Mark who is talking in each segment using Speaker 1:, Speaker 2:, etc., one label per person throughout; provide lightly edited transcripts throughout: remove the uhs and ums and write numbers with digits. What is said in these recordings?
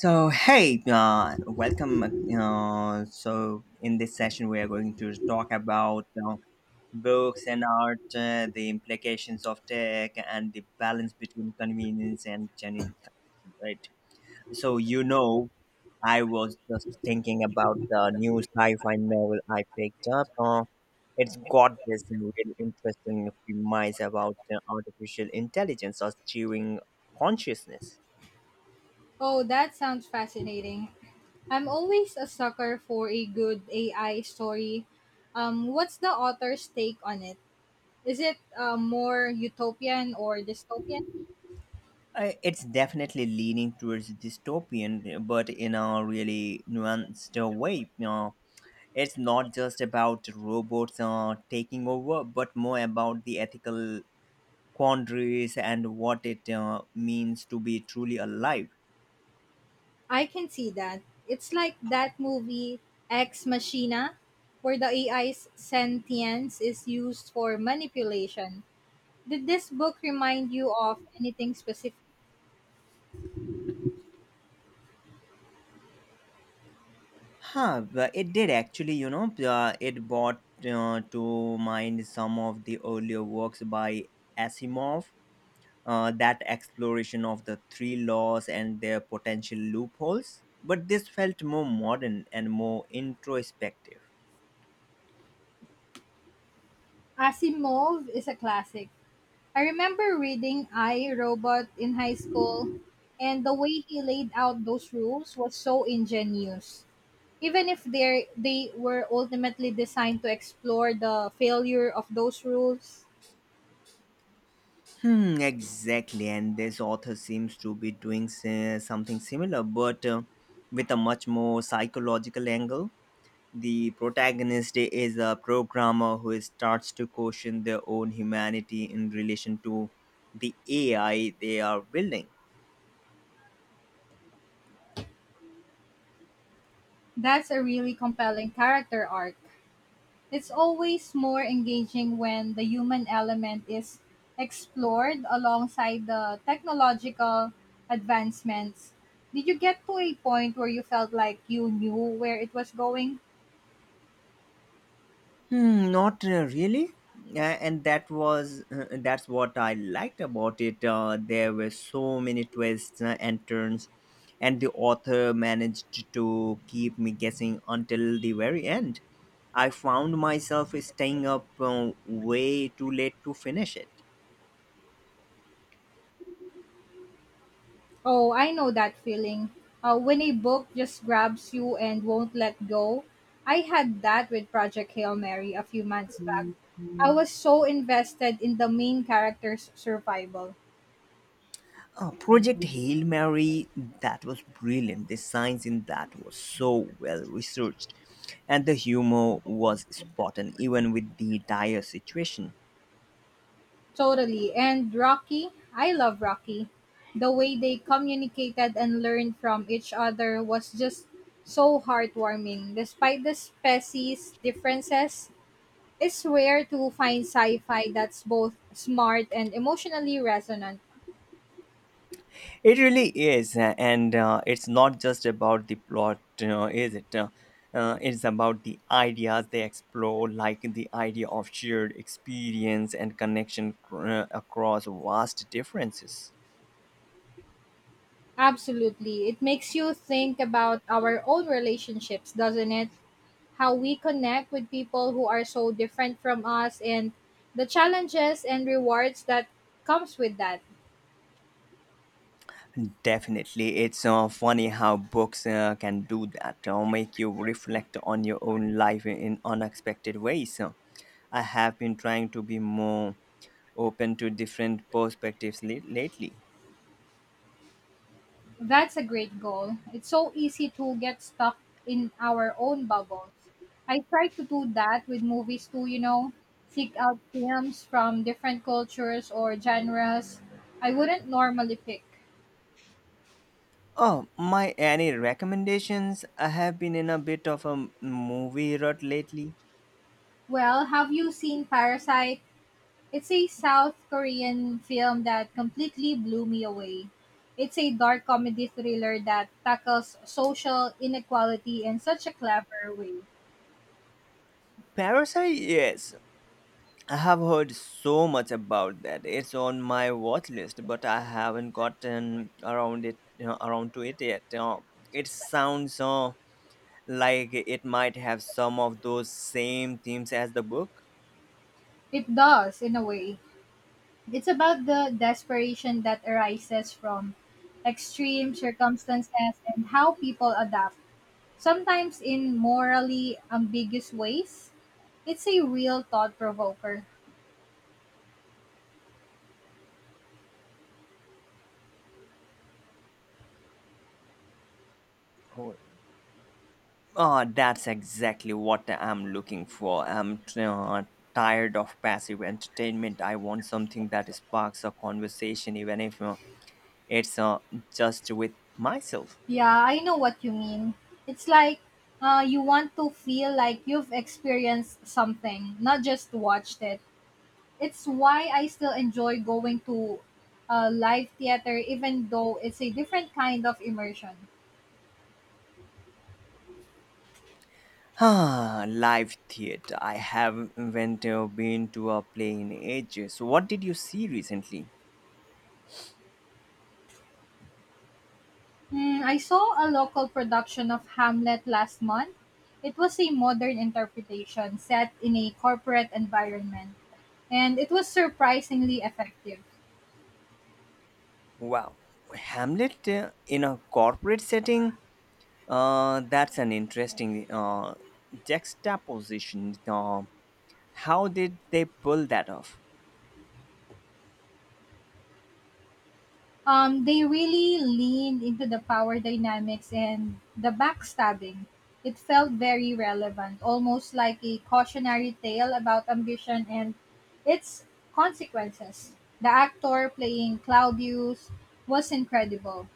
Speaker 1: So hey, welcome. So in this session, we are going to talk about books and art, the implications of tech, and the balance between convenience and genuine connection. Right. So I was just thinking about the new sci-fi novel I picked up. It's got this really interesting premise about artificial intelligence achieving consciousness.
Speaker 2: Oh, that sounds fascinating. I'm always a sucker for a good AI story. What's the author's take on it? Is it more utopian or dystopian?
Speaker 1: It's definitely leaning towards dystopian, but in a really nuanced way. It's not just about robots taking over, but more about the ethical quandaries and what it means to be truly alive.
Speaker 2: I can see that. It's like that movie Ex Machina, where the AI's sentience is used for manipulation. Did this book remind you of anything specific?
Speaker 1: Huh, but it did actually, it brought to mind some of the earlier works by Asimov, that exploration of the three laws and their potential loopholes, but this felt more modern and more introspective.
Speaker 2: Asimov is a classic. I remember reading I, Robot in high school, and the way he laid out those rules was so ingenious. Even if they were ultimately designed to explore the failure of those rules,
Speaker 1: Hmm, exactly. And this author seems to be doing something similar, but with a much more psychological angle. The protagonist is a programmer who starts to question their own humanity in relation to the AI they are building.
Speaker 2: that's a really compelling character arc. It's always more engaging when the human element is explored alongside the technological advancements. Did you get to a point where you felt like you knew where it was going?
Speaker 1: Hmm, not really. And that was that's what I liked about it. There were so many twists and turns, and the author managed to keep me guessing until the very end. I found myself staying up way too late to finish it.
Speaker 2: Oh, I know that feeling. When a book just grabs you and won't let go. I had that with Project Hail Mary a few months back. I was so invested in the main character's survival.
Speaker 1: Project Hail Mary, that was brilliant. The science in that was so well researched, and the humor was spot on, even with the dire situation.
Speaker 2: Totally. And Rocky, I love Rocky. The way they communicated and learned from each other was just so heartwarming. Despite the species differences, it's rare to find sci fi that's both smart and emotionally resonant.
Speaker 1: It really is, and it's not just about the plot, is it? It's about the ideas they explore, like the idea of shared experience and connection across vast differences.
Speaker 2: Absolutely. It makes you think about our own relationships, doesn't it? How we connect with people who are so different from us and the challenges and rewards that comes with that.
Speaker 1: Definitely, it's funny how books can do that, make you reflect on your own life in unexpected ways. I have been trying to be more open to different perspectives lately.
Speaker 2: That's a great goal. It's so easy to get stuck in our own bubbles. I try to do that with movies too, you know, seek out films from different cultures or genres I wouldn't normally pick.
Speaker 1: Oh, my any recommendations? I have been in a bit of a movie rut lately.
Speaker 2: Well, have you seen Parasite? It's a South Korean film that completely blew me away. It's a dark comedy thriller that tackles social inequality in such a clever way.
Speaker 1: Parasite, yes. I have heard so much about that. It's on my watch list, but I haven't gotten around to it yet. It sounds like it might have some of those same themes as the book.
Speaker 2: It does, in a way. It's about the desperation that arises from extreme circumstances and how people adapt, sometimes in morally ambiguous ways. It's a real thought provoker.
Speaker 1: Oh, Oh, that's exactly what I'm looking for. I'm tired of passive entertainment. I want something that sparks a conversation, even if it's just with myself.
Speaker 2: Yeah, I know what you mean. It's like you want to feel like you've experienced something, not just watched it. It's why I still enjoy going to live theater, even though it's a different kind of immersion.
Speaker 1: Ah, live theater. I haven't been to a play in ages. What did you see recently?
Speaker 2: Mm, I saw a local production of Hamlet last month. It was a modern interpretation set in a corporate environment, and it was surprisingly effective.
Speaker 1: Wow, Hamlet in a corporate setting? That's an interesting juxtaposition. How did they pull that off?
Speaker 2: They really leaned into the power dynamics and the backstabbing. It felt very relevant, almost like a cautionary tale about ambition and its consequences. The actor playing Claudius was incredible.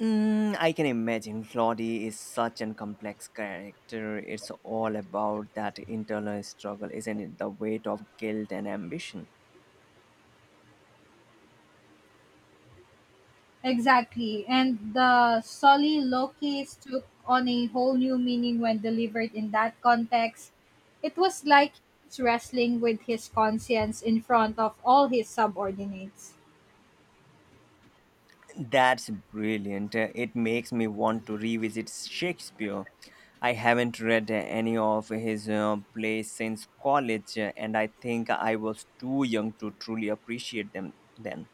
Speaker 1: Mm, I can imagine Claudie is such an complex character. It's all about that internal struggle, isn't it? The weight of guilt and ambition.
Speaker 2: Exactly. And the Sully Lokis took on a whole new meaning when delivered in that context. It was like he was wrestling with his conscience in front of all his subordinates.
Speaker 1: That's brilliant. It makes me want to revisit Shakespeare. I haven't read any of his plays since college, and I think I was too young to truly appreciate them then.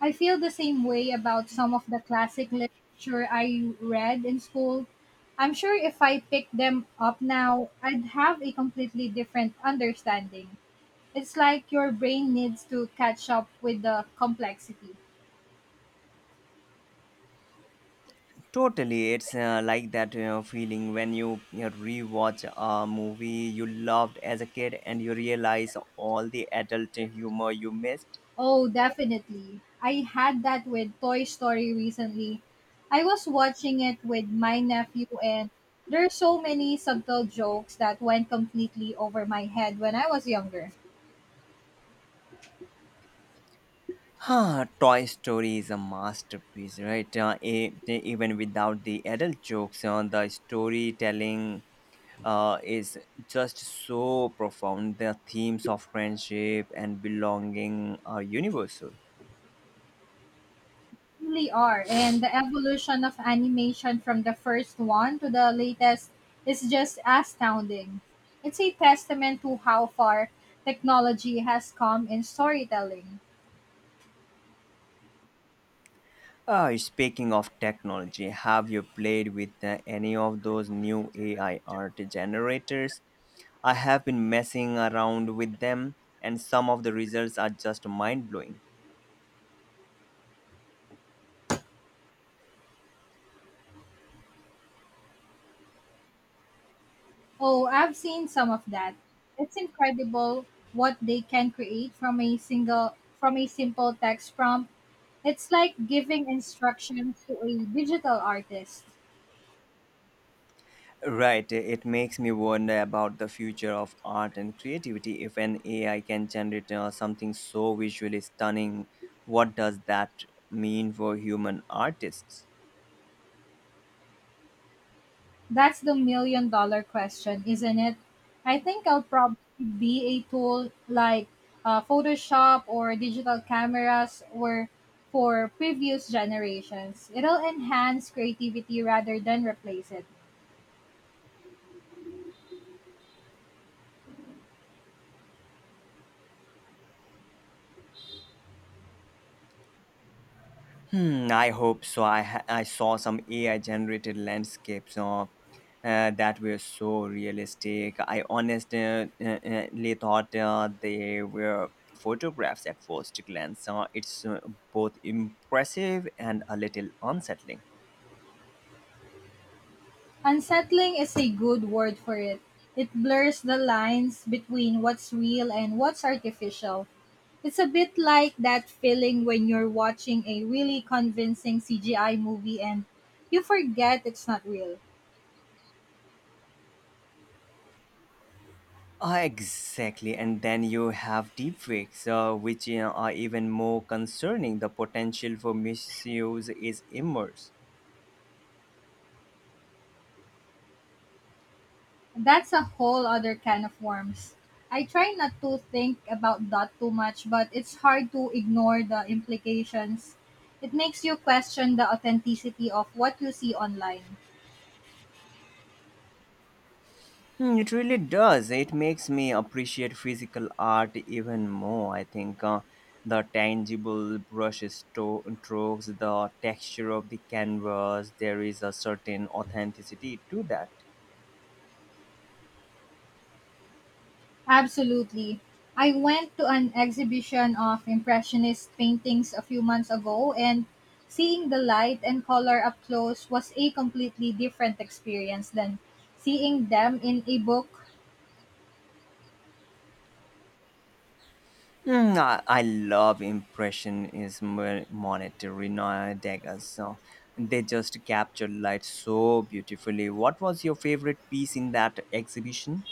Speaker 2: I feel the same way about some of the classic literature I read in school. I'm sure if I picked them up now, I'd have a completely different understanding. It's like your brain needs to catch up with the complexity.
Speaker 1: Totally, it's like that you feeling when you rewatch a movie you loved as a kid and you realize all the adult humor you missed.
Speaker 2: Oh, definitely. I had that with Toy Story recently. I was watching it with my nephew, and there's so many subtle jokes that went completely over my head when I was younger.
Speaker 1: Huh, Toy Story is a masterpiece, right? Even without the adult jokes, the storytelling is just so profound. The themes of friendship and belonging are universal.
Speaker 2: Really are. And the evolution of animation from the first one to the latest is just astounding. It's a testament to how far technology has come in storytelling.
Speaker 1: Speaking of technology, have you played with any of those new AI art generators? I have been messing around with them, and some of the results are just mind blowing.
Speaker 2: Oh, I've seen some of that. It's incredible what they can create from a single from a simple text prompt. It's like giving instructions to a digital artist.
Speaker 1: Right, it makes me wonder about the future of art and creativity. If an AI can generate something so visually stunning, what does that mean for human artists?
Speaker 2: That's the million-dollar question, isn't it? I think I'll probably be a tool like Photoshop or digital cameras were for previous generations. It'll enhance creativity rather than replace it.
Speaker 1: Hmm, I hope so. I saw some AI generated landscapes that were so realistic. I honestly thought they were photographs at first glance. It's both impressive and a little unsettling.
Speaker 2: Unsettling is a good word for it. It blurs the lines between what's real and what's artificial. It's a bit like that feeling when you're watching a really convincing CGI movie and you forget it's not real.
Speaker 1: Ah, exactly. And then you have deepfakes, which are even more concerning. The potential for misuse is immense.
Speaker 2: That's a whole other can of worms. I try not to think about that too much, but it's hard to ignore the implications. It makes you question the authenticity of what you see online.
Speaker 1: Hmm, it really does. It makes me appreciate physical art even more. I think the tangible brush strokes, the texture of the canvas, there is a certain authenticity to that.
Speaker 2: Absolutely. I went to an exhibition of Impressionist paintings a few months ago, and seeing the light and color up close was a completely different experience than seeing them in a book.
Speaker 1: Hmm, I love impressionism, monetary Degas. So they just capture light so beautifully. What was your favorite piece in that exhibition?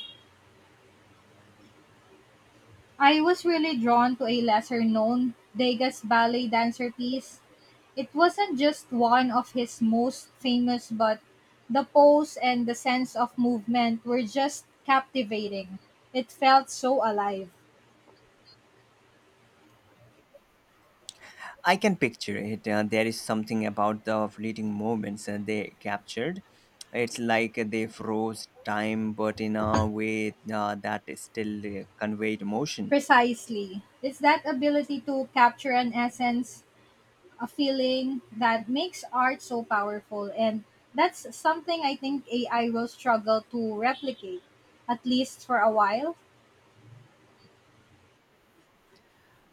Speaker 2: I was really drawn to a lesser known Degas ballet dancer piece. It wasn't just one of his most famous, but the pose and the sense of movement were just captivating. It felt so alive.
Speaker 1: I can picture it. There is something about the fleeting moments they captured. It's like they froze time, but in a way that still conveyed emotion.
Speaker 2: Precisely. It's that ability to capture an essence, a feeling that makes art so powerful. And that's something I think AI will struggle to replicate, at least for a while.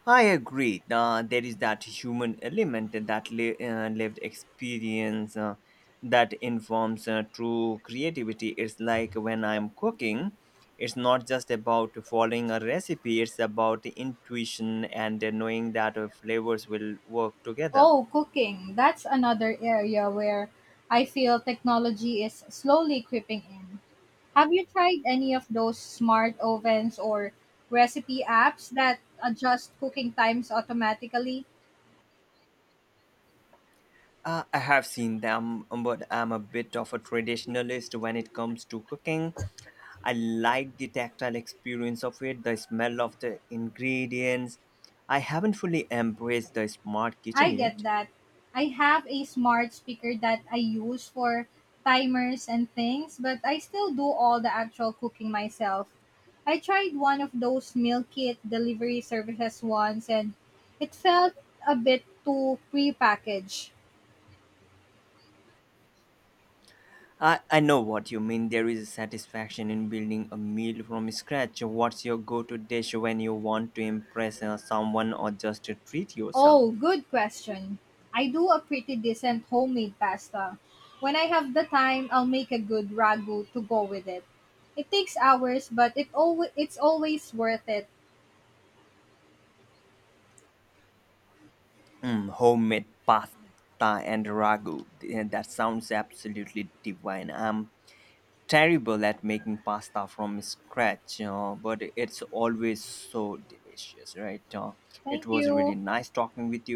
Speaker 1: I agree. There is that human element, that lived experience that informs true creativity. It's like when I'm cooking, it's not just about following a recipe, it's about intuition and knowing that flavors will work together.
Speaker 2: Oh, cooking. That's another area where I feel technology is slowly creeping in. Have you tried any of those smart ovens or recipe apps that adjust cooking times automatically?
Speaker 1: I have seen them, but I'm a bit of a traditionalist when it comes to cooking. I like the tactile experience of it, the smell of the ingredients. I haven't fully embraced the smart kitchen
Speaker 2: I get
Speaker 1: yet.
Speaker 2: that. I have a smart speaker that I use for timers and things, but I still do all the actual cooking myself. I tried one of those meal kit delivery services once and it felt a bit too prepackaged.
Speaker 1: I know what you mean. There is a satisfaction in building a meal from scratch. What's your go to dish when you want to impress someone or just to treat yourself?
Speaker 2: Oh, good question. I do a pretty decent homemade pasta. When I have the time, I'll make a good ragu to go with it. It takes hours, but it's always worth it.
Speaker 1: Mm, homemade pasta and ragu. That sounds absolutely divine. I'm terrible at making pasta from scratch, but it's always so delicious, right? It
Speaker 2: Thank
Speaker 1: was really
Speaker 2: you.
Speaker 1: nice talking with